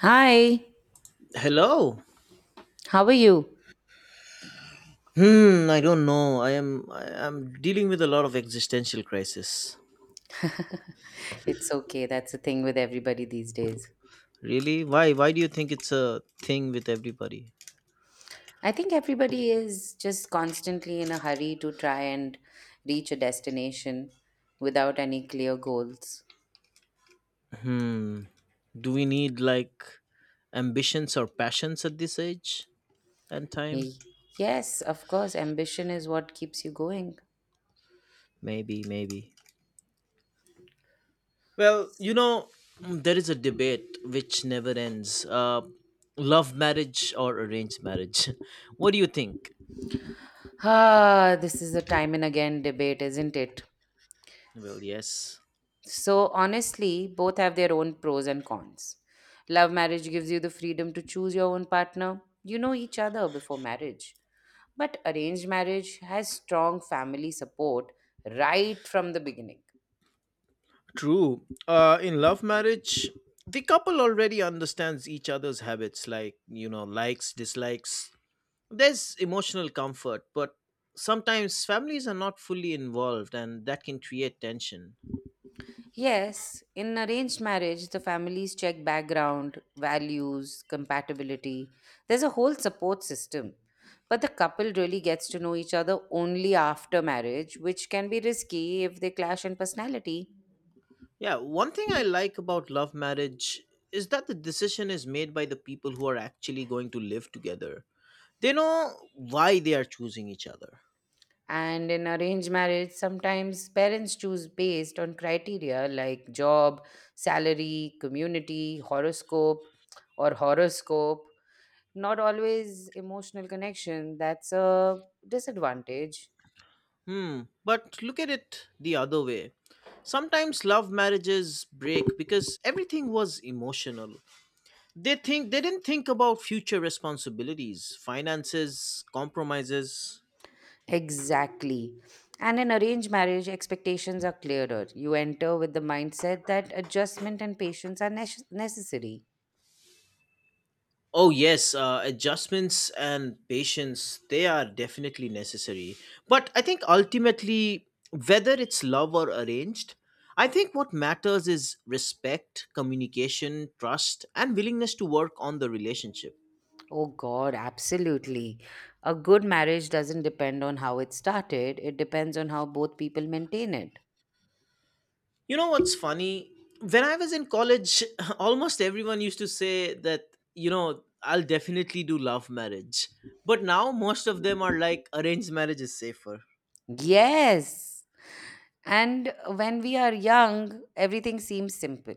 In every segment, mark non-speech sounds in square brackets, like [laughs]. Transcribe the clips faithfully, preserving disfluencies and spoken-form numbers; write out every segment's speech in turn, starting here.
Hi, Hello. how are you? Hmm, I don't know. I am I am dealing with a lot of existential crisis. It's okay. That's the thing with everybody these days. Really? Why why do you think it's a thing with everybody? I think everybody is just constantly in a hurry to try and reach a destination without any clear goals. Hmm. Do we need like ambitions or passions at this age and time? Hey, yes, of course, ambition is what keeps you going. Maybe, maybe. Well, you know, mm, there is a debate which never ends. Uh love marriage or arranged marriage. [laughs] What do you think? Ah, this is a time and again debate, isn't it? Well, yes. So, honestly, both have their own pros and cons. Love marriage gives you the freedom to choose your own partner. You know each other before marriage. But arranged marriage has strong family support right from the beginning. True. Uh, in love marriage, the couple already understands each other's habits, like, you know, likes, dislikes. There's emotional comfort, but sometimes families are not fully involved, and that can create tension. Yes, in arranged marriage, the families check background, values, compatibility. There's a whole support system. But the couple really gets to know each other only after marriage, which can be risky if they clash in personality. Yeah, one thing I like about love marriage is that the decision is made by the people who are actually going to live together. They know why they are choosing each other. And in arranged marriage, sometimes parents choose based on criteria like job, salary, community, horoscope, or horoscope, not always emotional connection. That's a disadvantage. Hmm. But look at it the other way. Sometimes love marriages break because everything was emotional. They think they didn't think about future responsibilities, finances, compromises. Exactly. And in arranged marriage, expectations are clearer. You enter with the mindset that adjustment and patience are nes- necessary. Oh yes, uh, adjustments and patience they are definitely necessary. But I think ultimately whether it's love or arranged, I think what matters is respect, communication, trust and willingness to work on the relationship. Oh God, absolutely. A good marriage doesn't depend on how it started, it depends on how both people maintain it. You know what's funny? When I was in college, [laughs] almost everyone used to say that, you know, I'll definitely do love marriage. But now most of them are like, arranged marriage is safer. Yes. And when we are young, everything seems simple.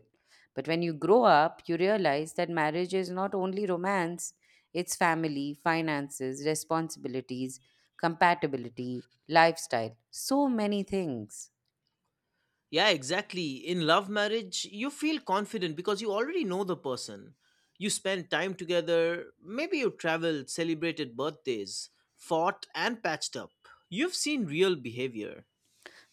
But when you grow up, you realize that marriage is not only romance, it's family, finances, responsibilities, compatibility, lifestyle, so many things. Yeah, exactly. In love marriage, you feel confident because you already know the person. You spend time together, maybe you traveled, celebrated birthdays, fought, and patched up. You've seen real behavior.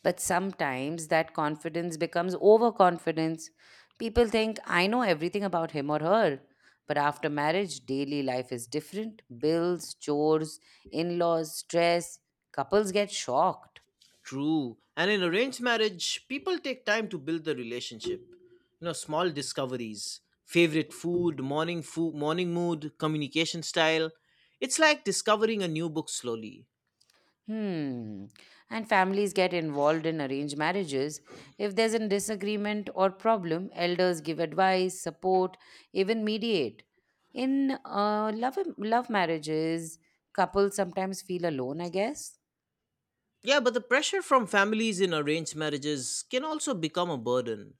But sometimes that confidence becomes overconfidence. People think, I know everything about him or her. But after marriage, daily life is different bills, chores, in laws, stress. Couples get shocked. True. And in arranged marriage, people take time to build the relationship. You know, small discoveries, favorite food, morning food, morning mood, communication style. It's like discovering a new book slowly. Hmm. And families get involved in arranged marriages. If there's a disagreement or problem, elders give advice, support, even mediate. In uh, love, love marriages, couples sometimes feel alone, I guess. Yeah, but the pressure from families in arranged marriages can also become a burden.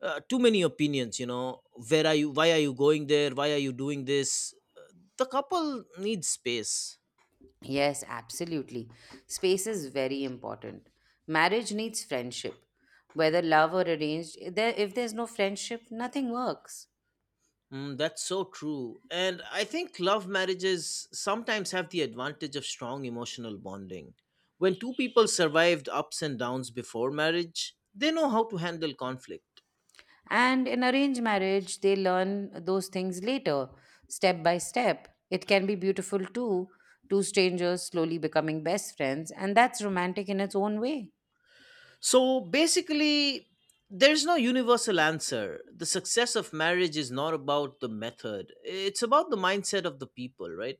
Uh, too many opinions, you know. Where are you? Why are you going there? Why are you doing this? The couple needs space. Yes, absolutely. Space is very important. Marriage needs friendship. Whether love or arranged, if there- if there's no friendship, nothing works. Mm, that's so true. And I think love marriages sometimes have the advantage of strong emotional bonding. When two people survived ups and downs before marriage, they know how to handle conflict. And in arranged marriage, they learn those things later, step by step. It can be beautiful too, two strangers slowly becoming best friends, and that's romantic in its own way. So basically, there's no universal answer. The success of marriage is not about the method, it's about the mindset of the people, right?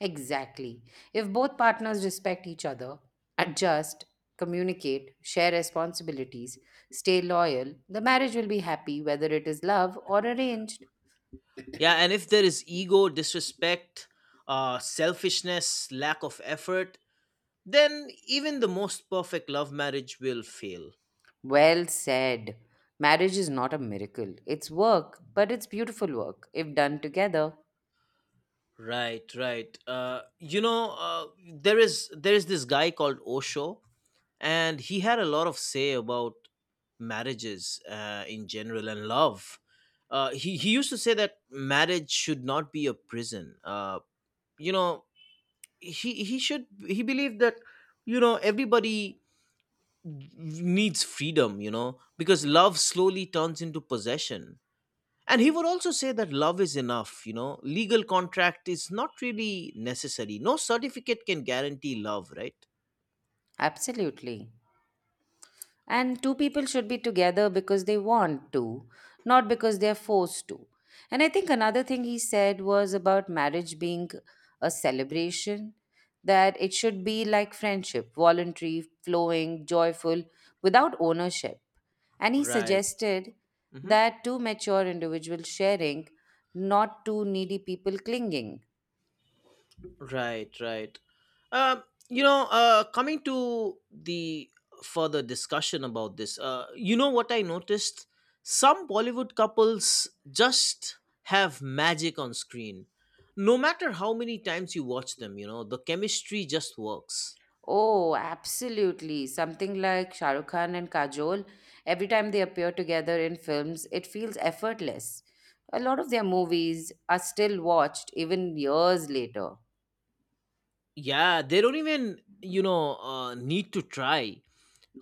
Exactly. If both partners respect each other, adjust, communicate, share responsibilities, stay loyal, the marriage will be happy whether it is love or arranged. Yeah, and if there is ego, disrespect, uh, selfishness, lack of effort, then even the most perfect love marriage will fail. Well said. Marriage is not a miracle. It's work, but it's beautiful work if done together. Right, right. Uh, you know, uh, there is there is this guy called Osho, and he had a lot of say about marriages uh, in general and love. Uh, he he used to say that marriage should not be a prison. Uh, you know, he he should he believed that you know everybody needs freedom. You know, because love slowly turns into possession. And he would also say that love is enough, you know, legal contract is not really necessary. No certificate can guarantee love, right? Absolutely. And two people should be together because they want to, not because they're forced to. And I think another thing he said was about marriage being a celebration, that it should be like friendship, voluntary, flowing, joyful, without ownership. And he Right. suggested Hmm. that two mature individuals sharing, not two needy people clinging. Right, right. Um, you know, uh, coming to the further discussion about this, uh, you know what I noticed? Some Bollywood couples just have magic on screen. No matter how many times you watch them, you know, the chemistry just works. Oh, absolutely. Something like Shah Rukh Khan and Kajol, every time they appear together in films, it feels effortless. A lot of their movies are still watched even years later. Yeah, they don't even, you know, uh, need to try.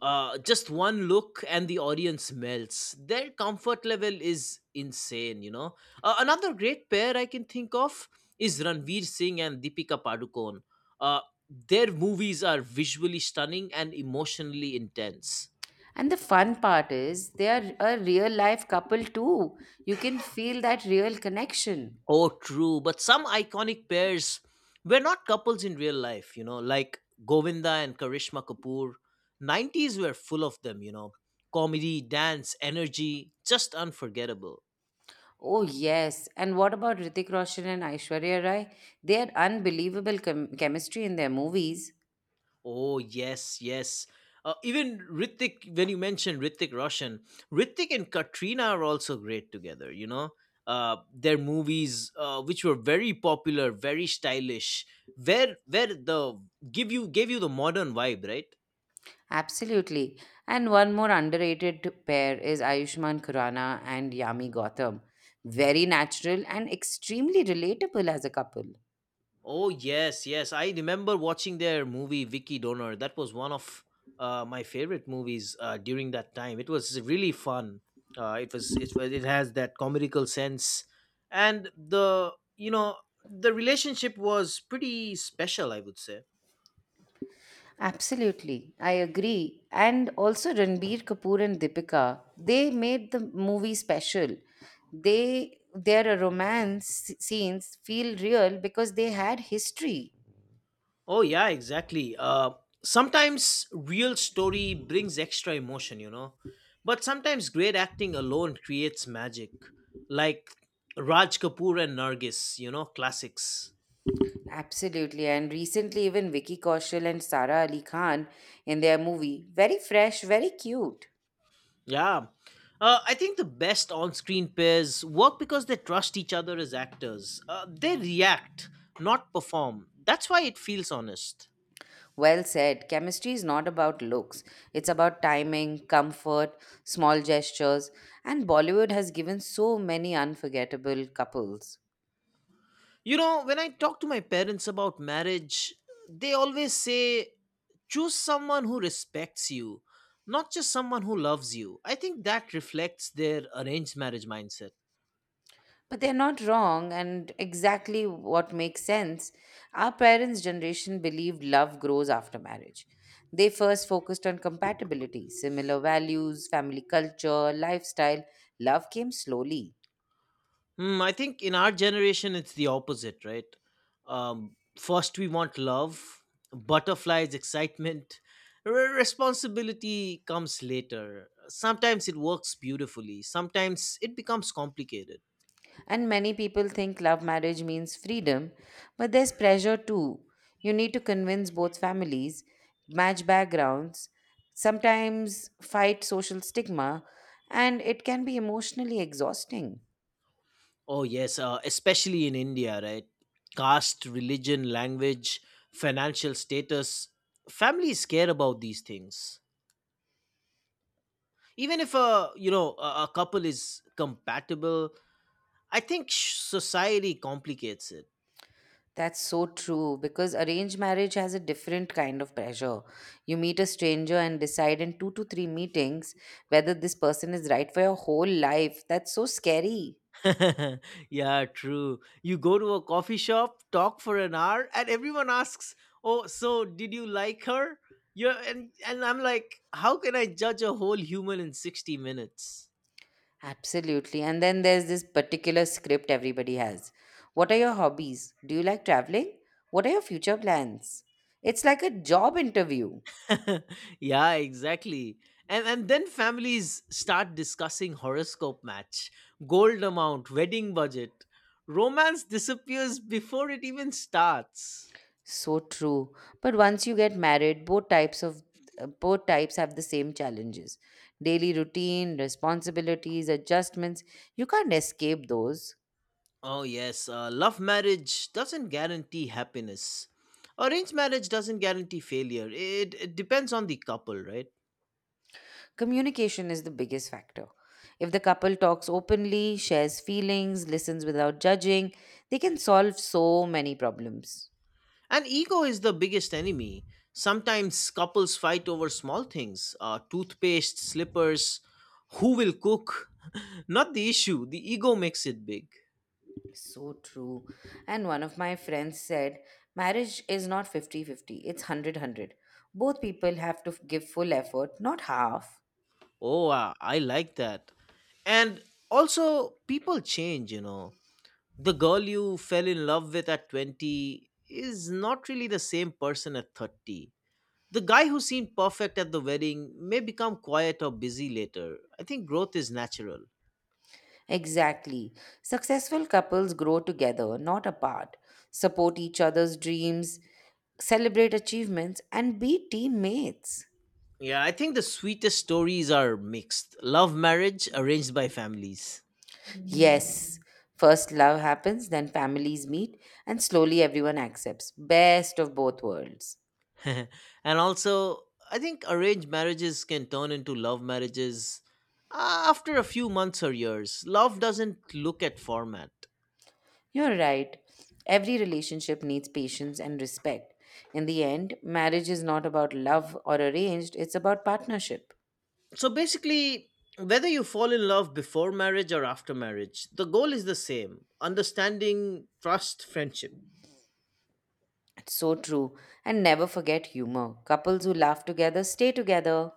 uh, just one look and the audience melts. Their comfort level is insane, you know. Uh, another great pair I can think of is Ranveer Singh and Deepika Padukone. Uh, their movies are visually stunning and emotionally intense. And the fun part is, they are a real life couple too. You can feel that real connection. Oh, true. But some iconic pairs were not couples in real life, you know, like Govinda and Karishma Kapoor. nineties were full of them, you know. Comedy, dance, energy, just unforgettable. Oh, yes. And what about Ritik Roshan and Aishwarya Rai? They had unbelievable chem- chemistry in their movies. Oh yes, yes. Uh, even Ritik, when you mentioned Ritik Roshan, Ritik and Katrina are also great together. You know, uh, their movies, uh, which were very popular, very stylish, where where the give you gave you the modern vibe, right? Absolutely. And one more underrated pair is Ayushmann Khurrana and Yami Gautam. Very natural and extremely relatable as a couple. Oh yes, yes. I remember watching their movie Vicky Donor. That was one of uh, my favorite movies uh, during that time. It was really fun. Uh, it was it was it has that comical sense, and the you know the relationship was pretty special. I would say. Absolutely, I agree. And also Ranbir Kapoor and Deepika, they made the movie special. They their romance scenes feel real because they had history. Oh, yeah, exactly. Uh, sometimes real story brings extra emotion, you know. But sometimes great acting alone creates magic. Like Raj Kapoor and Nargis, you know, classics. Absolutely, and recently even Vicky Kaushal and Sara Ali Khan in their movie, very fresh, very cute. Yeah. Uh, I think the best on screen pairs work because they trust each other as actors. Uh, they react, not perform. That's why it feels honest. Well said. Chemistry is not about looks, it's about timing, comfort, small gestures, and Bollywood has given so many unforgettable couples. You know, when I talk to my parents about marriage, they always say, choose someone who respects you, not just someone who loves you. I think that reflects their arranged marriage mindset. But they're not wrong, and exactly what makes sense. Our parents' generation believed love grows after marriage. They first focused on compatibility, similar values, family culture, lifestyle. Love came slowly. Hmm, I think in our generation, it's the opposite, right? Um, first, we want love, butterflies, excitement. Re- responsibility comes later. Sometimes it works beautifully, sometimes it becomes complicated. And many people think love marriage means freedom, but there's pressure too. You need to convince both families, match backgrounds, sometimes fight social stigma, and it can be emotionally exhausting. Oh, yes, uh, especially in India, right? Caste, religion, language, financial status. Families care about these things. Even if a you know a, a couple is compatible, I think sh- society complicates That's so true because arranged marriage has a different kind of pressure. You meet a stranger and decide in two to three meetings whether this person is right for your whole life. That's so scary. it. [laughs] Yeah, true. You go to a coffee shop, talk for an hour, and everyone asks, "Oh, so did you like her?" You're, and and I'm like, how can I judge a whole human in sixty minutes? Absolutely. And then there's this particular script everybody has. What are your hobbies? Do you like traveling? What are your future plans? It's like a job interview. [laughs] Yeah, exactly. And and then families start discussing horoscope match, gold amount, wedding budget. Romance disappears before it even starts. So true. But once you get married, both types of uh, both types have the same challenges. Daily routine, responsibilities, adjustments. You can't escape those. Oh yes, uh, love marriage doesn't guarantee happiness. Arranged marriage doesn't guarantee failure. It, it depends on the couple, right? Communication is the biggest factor. If the couple talks openly, shares feelings, listens without judging, they can solve so many problems. And ego is the biggest enemy. Sometimes couples fight over small things uh, toothpaste, slippers, who will cook. [laughs] Not the issue, the ego makes it big. So true. And one of my friends said, marriage is not fifty-fifty; it's hundred-hundred. Both people have to give full effort, not half. Oh, uh, I like that. And also, people change, you know. The girl you fell in love with at twenty is not really the same person at thirty. The guy who seemed perfect at the wedding may become quiet or busy later. I think growth is natural. Exactly. Successful couples grow together, not apart, support each other's dreams, celebrate achievements, and be teammates. Yeah, I think the sweetest stories are mixed. Love marriage arranged by families. Yes, first love happens, then families meet, and slowly everyone accepts. Best of both worlds. [laughs] And also, I think arranged marriages can turn into love marriages uh, after a few months or years. Love doesn't look at format. You're right. Every relationship needs patience and respect. In the end, marriage is not about love or arranged, it's about partnership. So basically, whether you fall in love before marriage or after marriage, the goal is the same understanding, trust, friendship. It's so true. And never forget humor. Couples who laugh together stay together.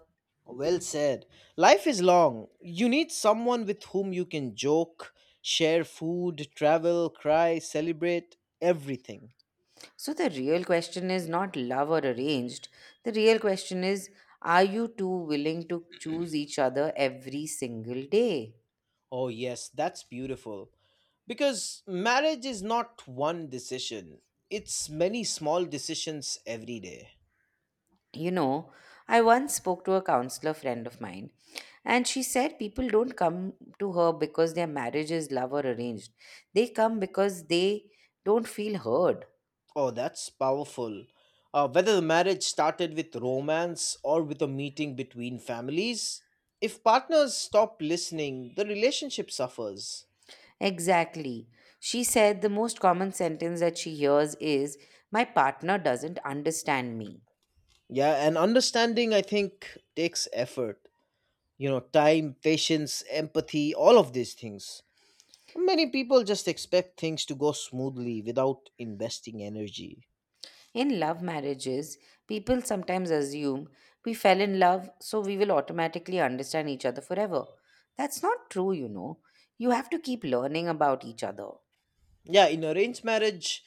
Well said. Life is long. You need someone with whom you can joke, share food, travel, cry, celebrate, everything. So the real question is not love or arranged. The real question is, are you two willing to choose each other every single day? Oh, yes, that's beautiful. Because marriage is not one decision, it's many small decisions every day. You know, I once spoke to a counselor friend of mine, and she said people don't come to her because their marriage is love or arranged. They come because they don't feel heard. Oh, that's powerful. Uh, whether the marriage started with romance or with a meeting between families, if partners stop listening, the relationship suffers. Exactly. She said the most common sentence that she hears is, my partner doesn't understand me. Yeah, and understanding, I think, takes effort. You know, time, patience, empathy, all of these things. Many people just expect things to go smoothly without investing energy. In love marriages, people sometimes assume we fell in love, so we will automatically understand each other forever. That's not true, you know. You have to keep learning about each other. Yeah, in arranged marriage,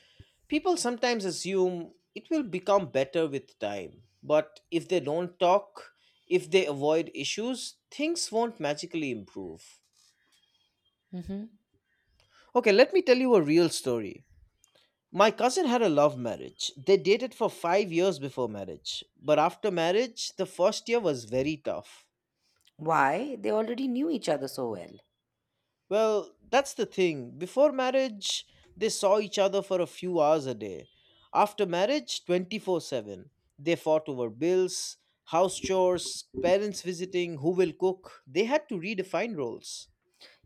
people sometimes assume it will become better with time. But if they don't talk, if they avoid issues, things won't magically improve. Hmm Okay, let me tell you a real story. My cousin had a love marriage. They dated for five years before marriage. But after marriage, the first year was very tough. Why? They already knew each other so well. Well, that's the thing. Before marriage, they saw each other for a few hours a day. After marriage, twenty four seven. They fought over bills, house chores, parents visiting, who will cook. They had to redefine roles.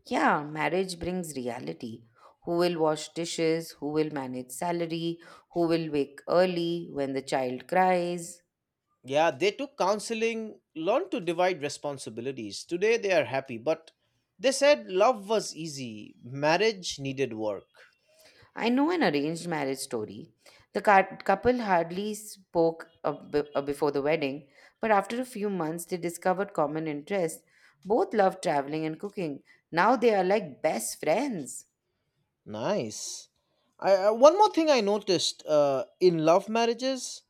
Yeah, marriage brings reality. Who will wash dishes? Who will manage salary? Who will wake early when the child cries? Yeah, they took counseling, learned to divide responsibilities. Today they are happy, but they said love was easy, marriage needed work. I know an arranged marriage story. The cou- couple hardly spoke a b- a before the wedding, but after a few months, they discovered common interests. Both loved traveling and cooking. Now they are like best friends. Nice. I, I- one more thing I noticed uh, in love marriages,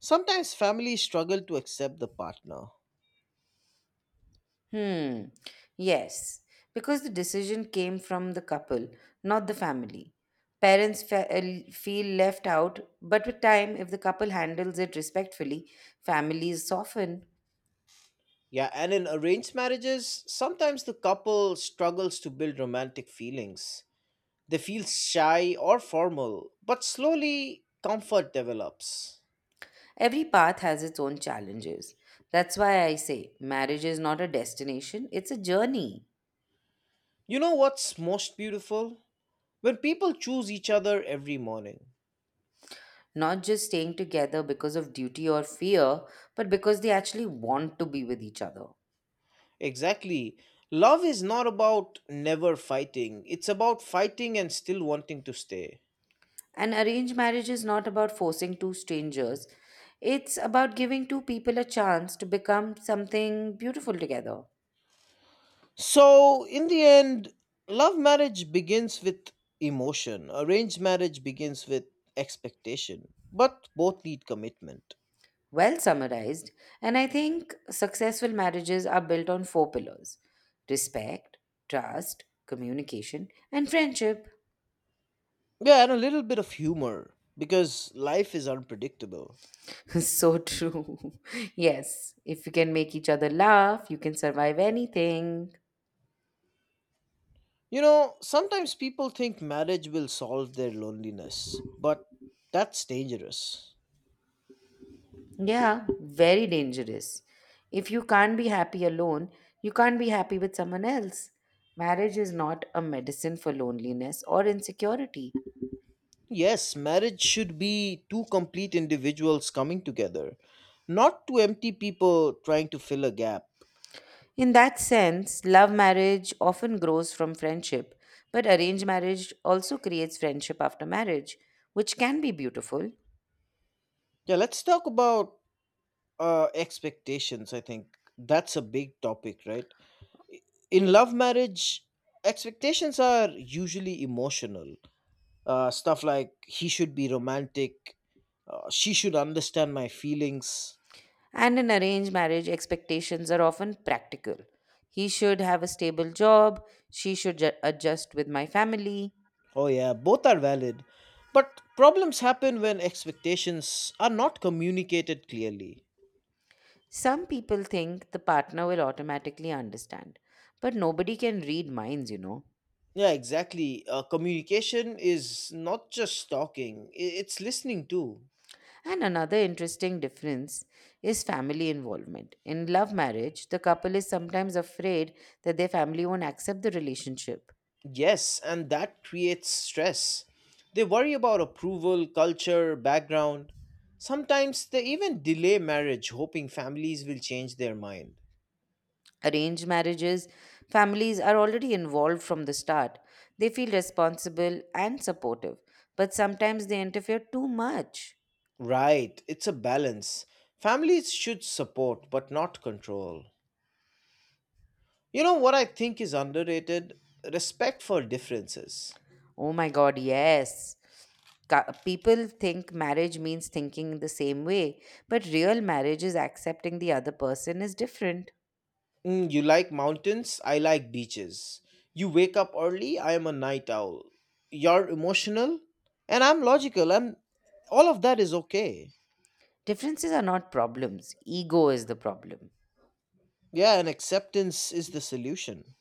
sometimes families struggle to accept the partner. Hmm. Yes, because the decision came from the couple, not the family. Parents fe- feel left out, but with time, if the couple handles it respectfully, families soften. Yeah, and in arranged marriages, sometimes the couple struggles to build romantic feelings. They feel shy or formal, but slowly comfort develops. Every path has its own challenges. That's why I say marriage is not a destination, it's a journey. You know what's most beautiful? When people choose each other every morning. Not just staying together because of duty or fear, but because they actually want to be with each other. Exactly. Love is not about never fighting, it's about fighting and still wanting to stay. An arranged marriage is not about forcing two strangers, it's about giving two people a chance to become something beautiful together. So, in the end, love marriage begins with emotion, arranged marriage begins with expectation, but both need commitment. Well summarized, and I think successful marriages are built on four pillars: respect, trust, communication, and friendship. Yeah, and a little bit of humor because life is unpredictable. [laughs] so true. [laughs] yes, if you can make each other laugh, you can survive anything. You know, sometimes people think marriage will solve their loneliness, but that's dangerous. Yeah, very dangerous. If you can't be happy alone, you can't be happy with someone else. Marriage is not a medicine for loneliness or insecurity. Yes, marriage should be two complete individuals coming together, not two empty people trying to fill a gap. In that sense, love marriage often grows from friendship, but arranged marriage also creates friendship after marriage, which can be beautiful. Yeah, let's talk about uh expectations. I think that's a big topic, right? I- in love marriage, expectations are usually emotional uh stuff like he should be romantic uh, she should understand my feelings. And in arranged marriage, expectations are often practical. He should have a stable job, she should ju- adjust with my family. Oh yeah, both are valid, but problems happen when expectations are not communicated clearly. Some people think the partner will automatically understand, but nobody can read minds, you know. Yeah, exactly. Uh, communication is not just talking, i- it's listening too. And another interesting difference is family involvement. In love marriage, the couple is sometimes afraid that their family won't accept the relationship. Yes, and that creates stress. They worry about approval, culture, background. Sometimes they even delay marriage, hoping families will change their mind. Arranged marriages, families are already involved from the start. They feel responsible and supportive, but sometimes they interfere too much. Right, it's a balance. Families should support, but not control. You know what I think is underrated? Respect for differences. Oh my God, yes. Ca- People think marriage means thinking the same way, but real marriage is accepting the other person is different. Mm, you like mountains, I like beaches. You wake up early, I am a night owl. You're emotional, and I'm logical, and all of that is okay. Differences are not problems, ego is the problem. Yeah, and acceptance is the solution.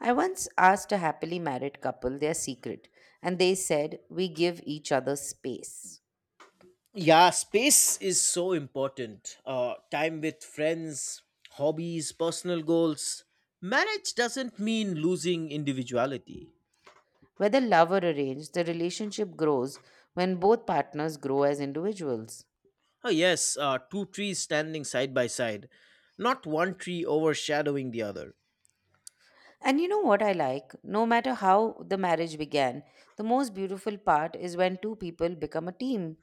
I once asked a happily married couple their secret, and they said, we give each other space. Yeah, space is so important. Uh, time with friends, hobbies, personal goals. Marriage doesn't mean losing individuality. Whether love or arranged, the relationship grows when both partners grow as individuals. Oh, yes, uh, two trees standing side by side, not one tree overshadowing the other. And you know what I like? No matter how the marriage began, the most beautiful part is when two people become a team.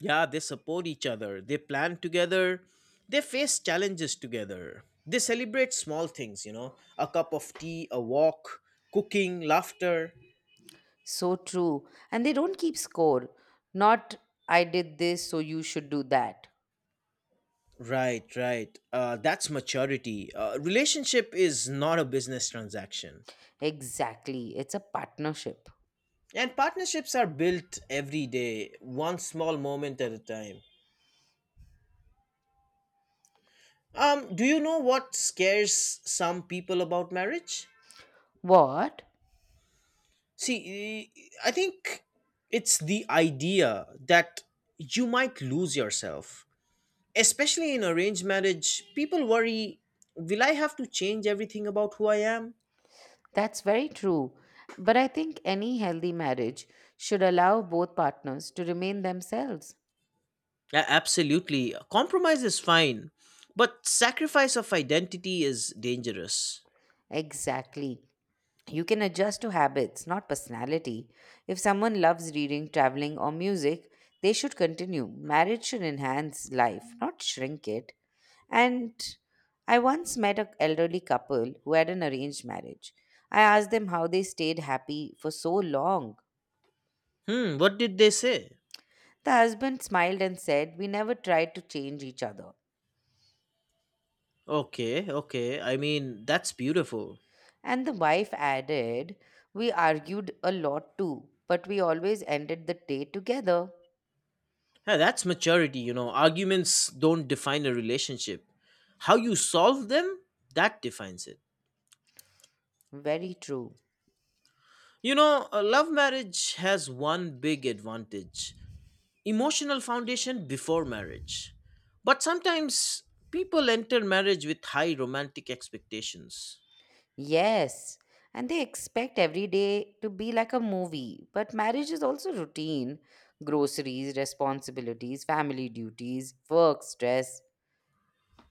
Yeah, they support each other, they plan together, they face challenges together. They celebrate small things, you know, a cup of tea, a walk, cooking, laughter. So true. And they don't keep score. Not, I did this, so you should do that. Right, right. Uh, that's maturity. Uh, relationship is not a business transaction. Exactly. It's a partnership. And partnerships are built every day, one small moment at a time. Um, do you know what scares some people about marriage? What? See, eh, I think it's the idea that you might lose yourself. Especially in arranged marriage, people worry, will I have to change everything about who I am? That's very true. But I think any healthy marriage should allow both partners to remain themselves. Yeah, absolutely. Compromise is fine, but sacrifice of identity is dangerous. Exactly. You can adjust to habits, not personality. If someone loves reading, traveling, or music, they should continue. Marriage should enhance life, not shrink it. And I once met an elderly couple who had an arranged marriage. I asked them how they stayed happy for so long. Hmm, what did they say? The husband smiled and said, we never tried to change each other. Okay, okay. I mean, that's beautiful. And the wife added, we argued a lot too, but we always ended the day together. Yeah, that's maturity, you know. Arguments don't define a relationship. How you solve them, that defines it. Very true. You know, a love marriage has one big advantage, emotional foundation before marriage. But sometimes people enter marriage with high romantic expectations. Yes. And they expect every day to be like a movie, but marriage is also routine: groceries, responsibilities, family duties, work, stress.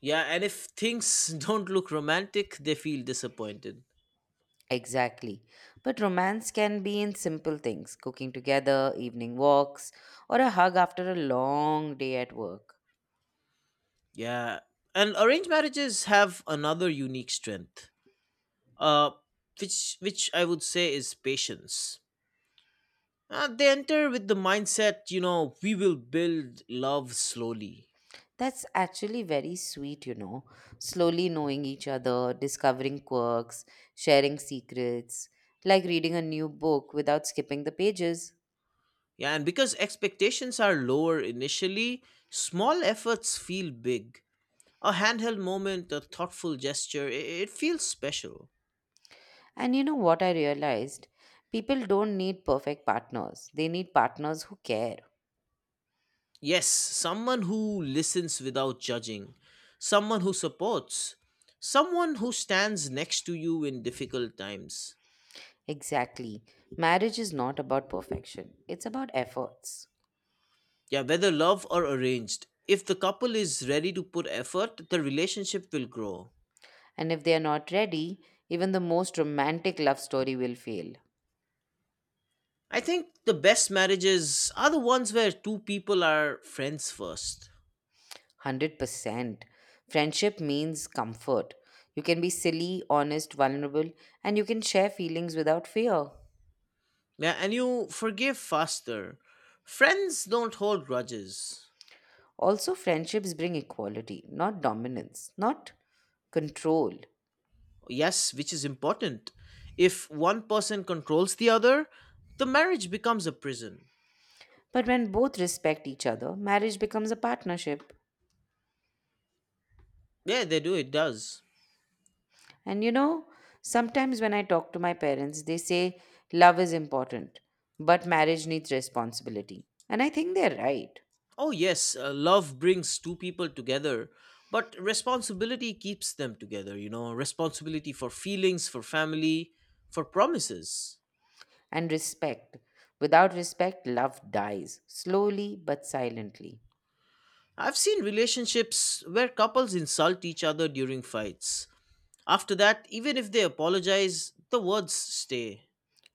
Yeah, and if things [laughs] don't look romantic, they feel disappointed. Exactly. But romance can be in simple things: cooking together, evening walks, or a hug after a long day at work. Yeah. And arranged marriages have another unique strength. Uh which which I would say is patience. Uh, they enter with the mindset, you know, we will build love slowly. That's actually very sweet, you know. Slowly knowing each other, discovering quirks, sharing secrets, like reading a new book without skipping the pages. Yeah, and because expectations are lower initially, small efforts feel big. A handheld moment, a thoughtful gesture, it, it feels special. And you know what I realized? People don't need perfect partners, they need partners who care. Yes, someone who listens without judging, someone who supports, someone who stands next to you in difficult times. Exactly. Marriage is not about perfection, it's about efforts. Yeah, whether love or arranged, if the couple is ready to put effort, the relationship will grow. And if they are not ready, even the most romantic love story will fail. I think the best marriages are the ones where two people are friends first. one hundred percent. Friendship means comfort. You can be silly, honest, vulnerable, and you can share feelings without fear. Yeah, and you forgive faster. Friends don't hold grudges. Also, friendships bring equality, not dominance, not control. Yes, which is important. If one person controls the other, the marriage becomes a prison. But when both respect each other, marriage becomes a partnership. Yeah, they do, it does. And you know, sometimes when I talk to my parents, they say love is important, but marriage needs responsibility. And I think they're right. Oh, yes, uh, love brings two people together, but responsibility keeps them together, you know, responsibility for feelings, for family, for promises. And respect. Without respect, love dies, slowly but silently. I've seen relationships where couples insult each other during fights. After that, even if they apologize, the words stay.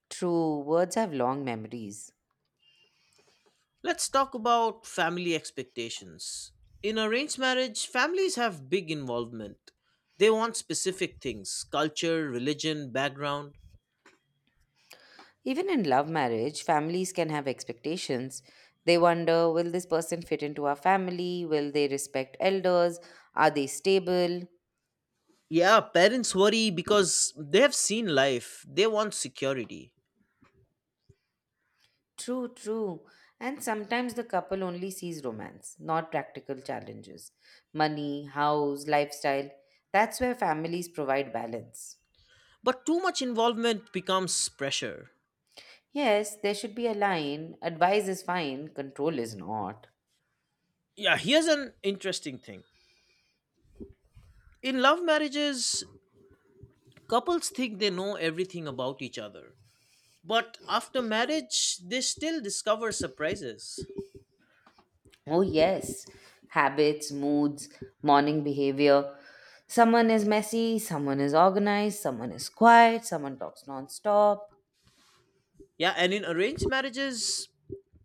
True, words have long memories. Let's talk about family expectations. In arranged marriage, families have big involvement. They want specific things, culture, religion, background. Even in love marriage, families can have expectations. They wonder, will this person fit into our family? Will they respect elders? Are they stable? Yeah, parents worry because they have seen life, they want security. True, true. And sometimes the couple only sees romance, not practical challenges. Money, house, lifestyle. That's where families provide balance. But too much involvement becomes pressure. Yes, there should be a line. Advice is fine, control is not. Yeah, here's an interesting thing. In love marriages, couples think they know everything about each other. But after marriage, they still discover surprises. Oh, yes. Habits, moods, morning behavior. Someone is messy, someone is organized, someone is quiet, someone talks non-stop. Yeah, and in arranged marriages,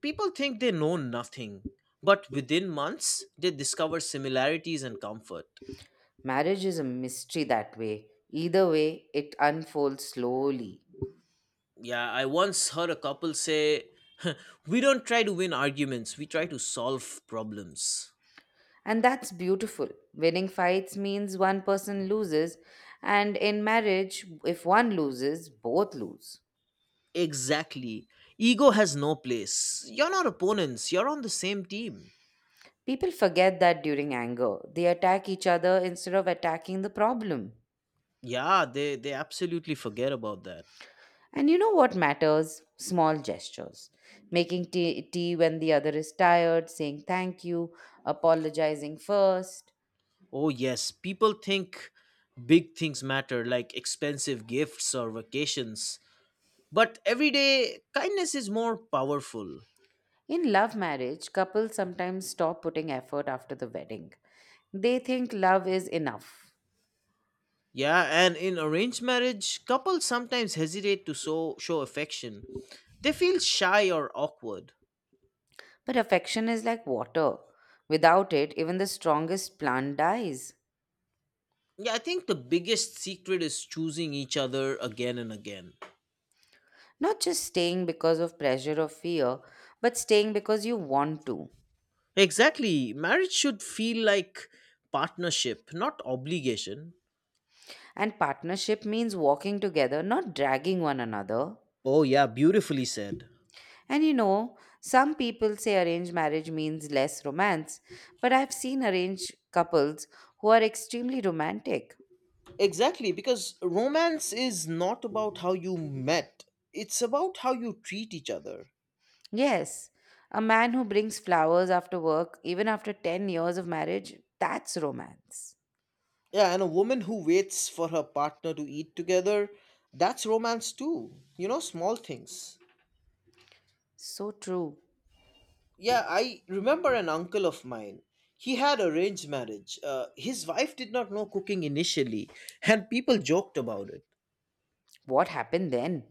people think they know nothing, but within months, they discover similarities and comfort. Marriage is a mystery that way. Either way, it unfolds slowly. Yeah, I once heard a couple say, [laughs] we don't try to win arguments, we try to solve problems. And that's beautiful. Winning fights means one person loses, and in marriage, if one loses, both lose. Exactly. Ego has no place. You're not opponents, you're on the same team. People forget that during anger, they attack each other instead of attacking the problem. Yeah, they, they absolutely forget about that. And you know what matters? Small gestures. Making tea, tea when the other is tired, saying thank you, apologizing first. Oh, yes, people think big things matter, like expensive gifts or vacations. But every day, kindness is more powerful. In love marriage, couples sometimes stop putting effort after the wedding. They think love is enough. Yeah, and in arranged marriage, couples sometimes hesitate to show, show affection. They feel shy or awkward. But affection is like water. Without it, even the strongest plant dies. Yeah, I think the biggest secret is choosing each other again and again. Not just staying because of pressure or fear, but staying because you want to. Exactly. Marriage should feel like partnership, not obligation. And partnership means walking together, not dragging one another. Oh, yeah, beautifully said. And you know, some people say arranged marriage means less romance, but I've seen arranged couples who are extremely romantic. Exactly, because romance is not about how you met, it's about how you treat each other. Yes, a man who brings flowers after work, even after ten years of marriage, that's romance. Yeah, and a woman who waits for her partner to eat together, that's romance too. You know, small things. So true. Yeah, I remember an uncle of mine. He had arranged marriage. Uh, his wife did not know cooking initially, and people joked about it. What happened then?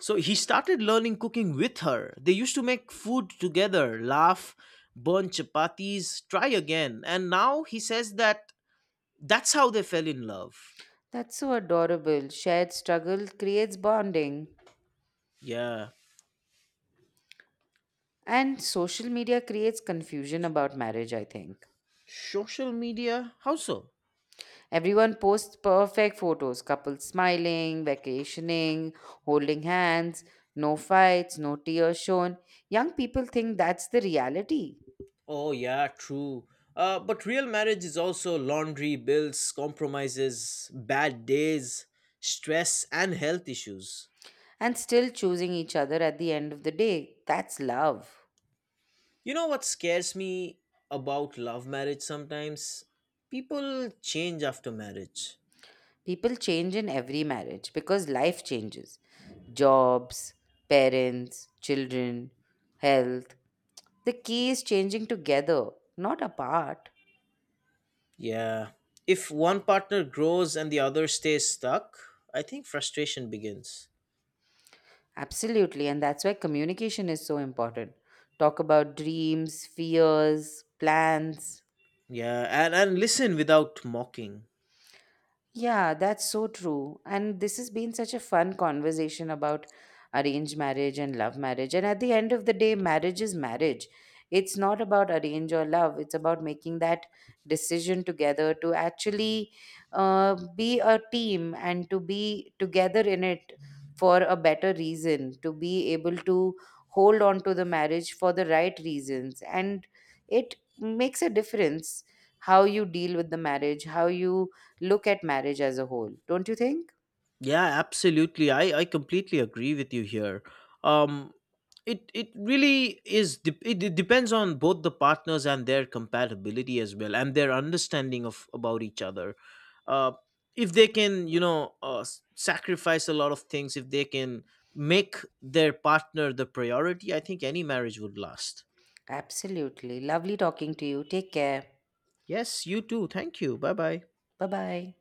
So he started learning cooking with her. They used to make food together, laugh, burn chapatis, try again. And now he says that that's how they fell in love. That's so adorable. Shared struggle creates bonding. Yeah. And social media creates confusion about marriage, I think. Social media? How so? Everyone posts perfect photos, couples smiling, vacationing, holding hands, no fights, no tears shown. Young people think that's the reality, Oh, yeah, true. Uh, but real marriage is also laundry, bills, compromises, bad days, stress, and health issues. and still choosing each other at the end of the day. That's love. You know what scares me about love marriage sometimes? People change after marriage. People change in every marriage because life changes, jobs, parents, children, health. The key is changing together, not apart. Yeah. If one partner grows and the other stays stuck, I think frustration begins. Absolutely, and that's why communication is so important. Talk about dreams, fears, plans. Yeah, and, and listen without mocking. Yeah, that's so true. And this has been such a fun conversation about arranged marriage and love marriage. And at the end of the day, marriage is marriage. It's not about arrange or love, it's about making that decision together to actually uh, be a team and to be together in it for a better reason, to be able to hold on to the marriage for the right reasons. And it makes a difference how you deal with the marriage, how you look at marriage as a whole, don't you think? Yeah, absolutely. I I completely agree with you here. Um it it really is de- it, it depends on both the partners and their compatibility as well and their understanding of about each other. Uh if they can, you know, uh, s- sacrifice a lot of things if they can make their partner the priority, I think any marriage would last. Absolutely. Lovely talking to you. Take care. Yes, you too. Thank you. Bye-bye. Bye bye.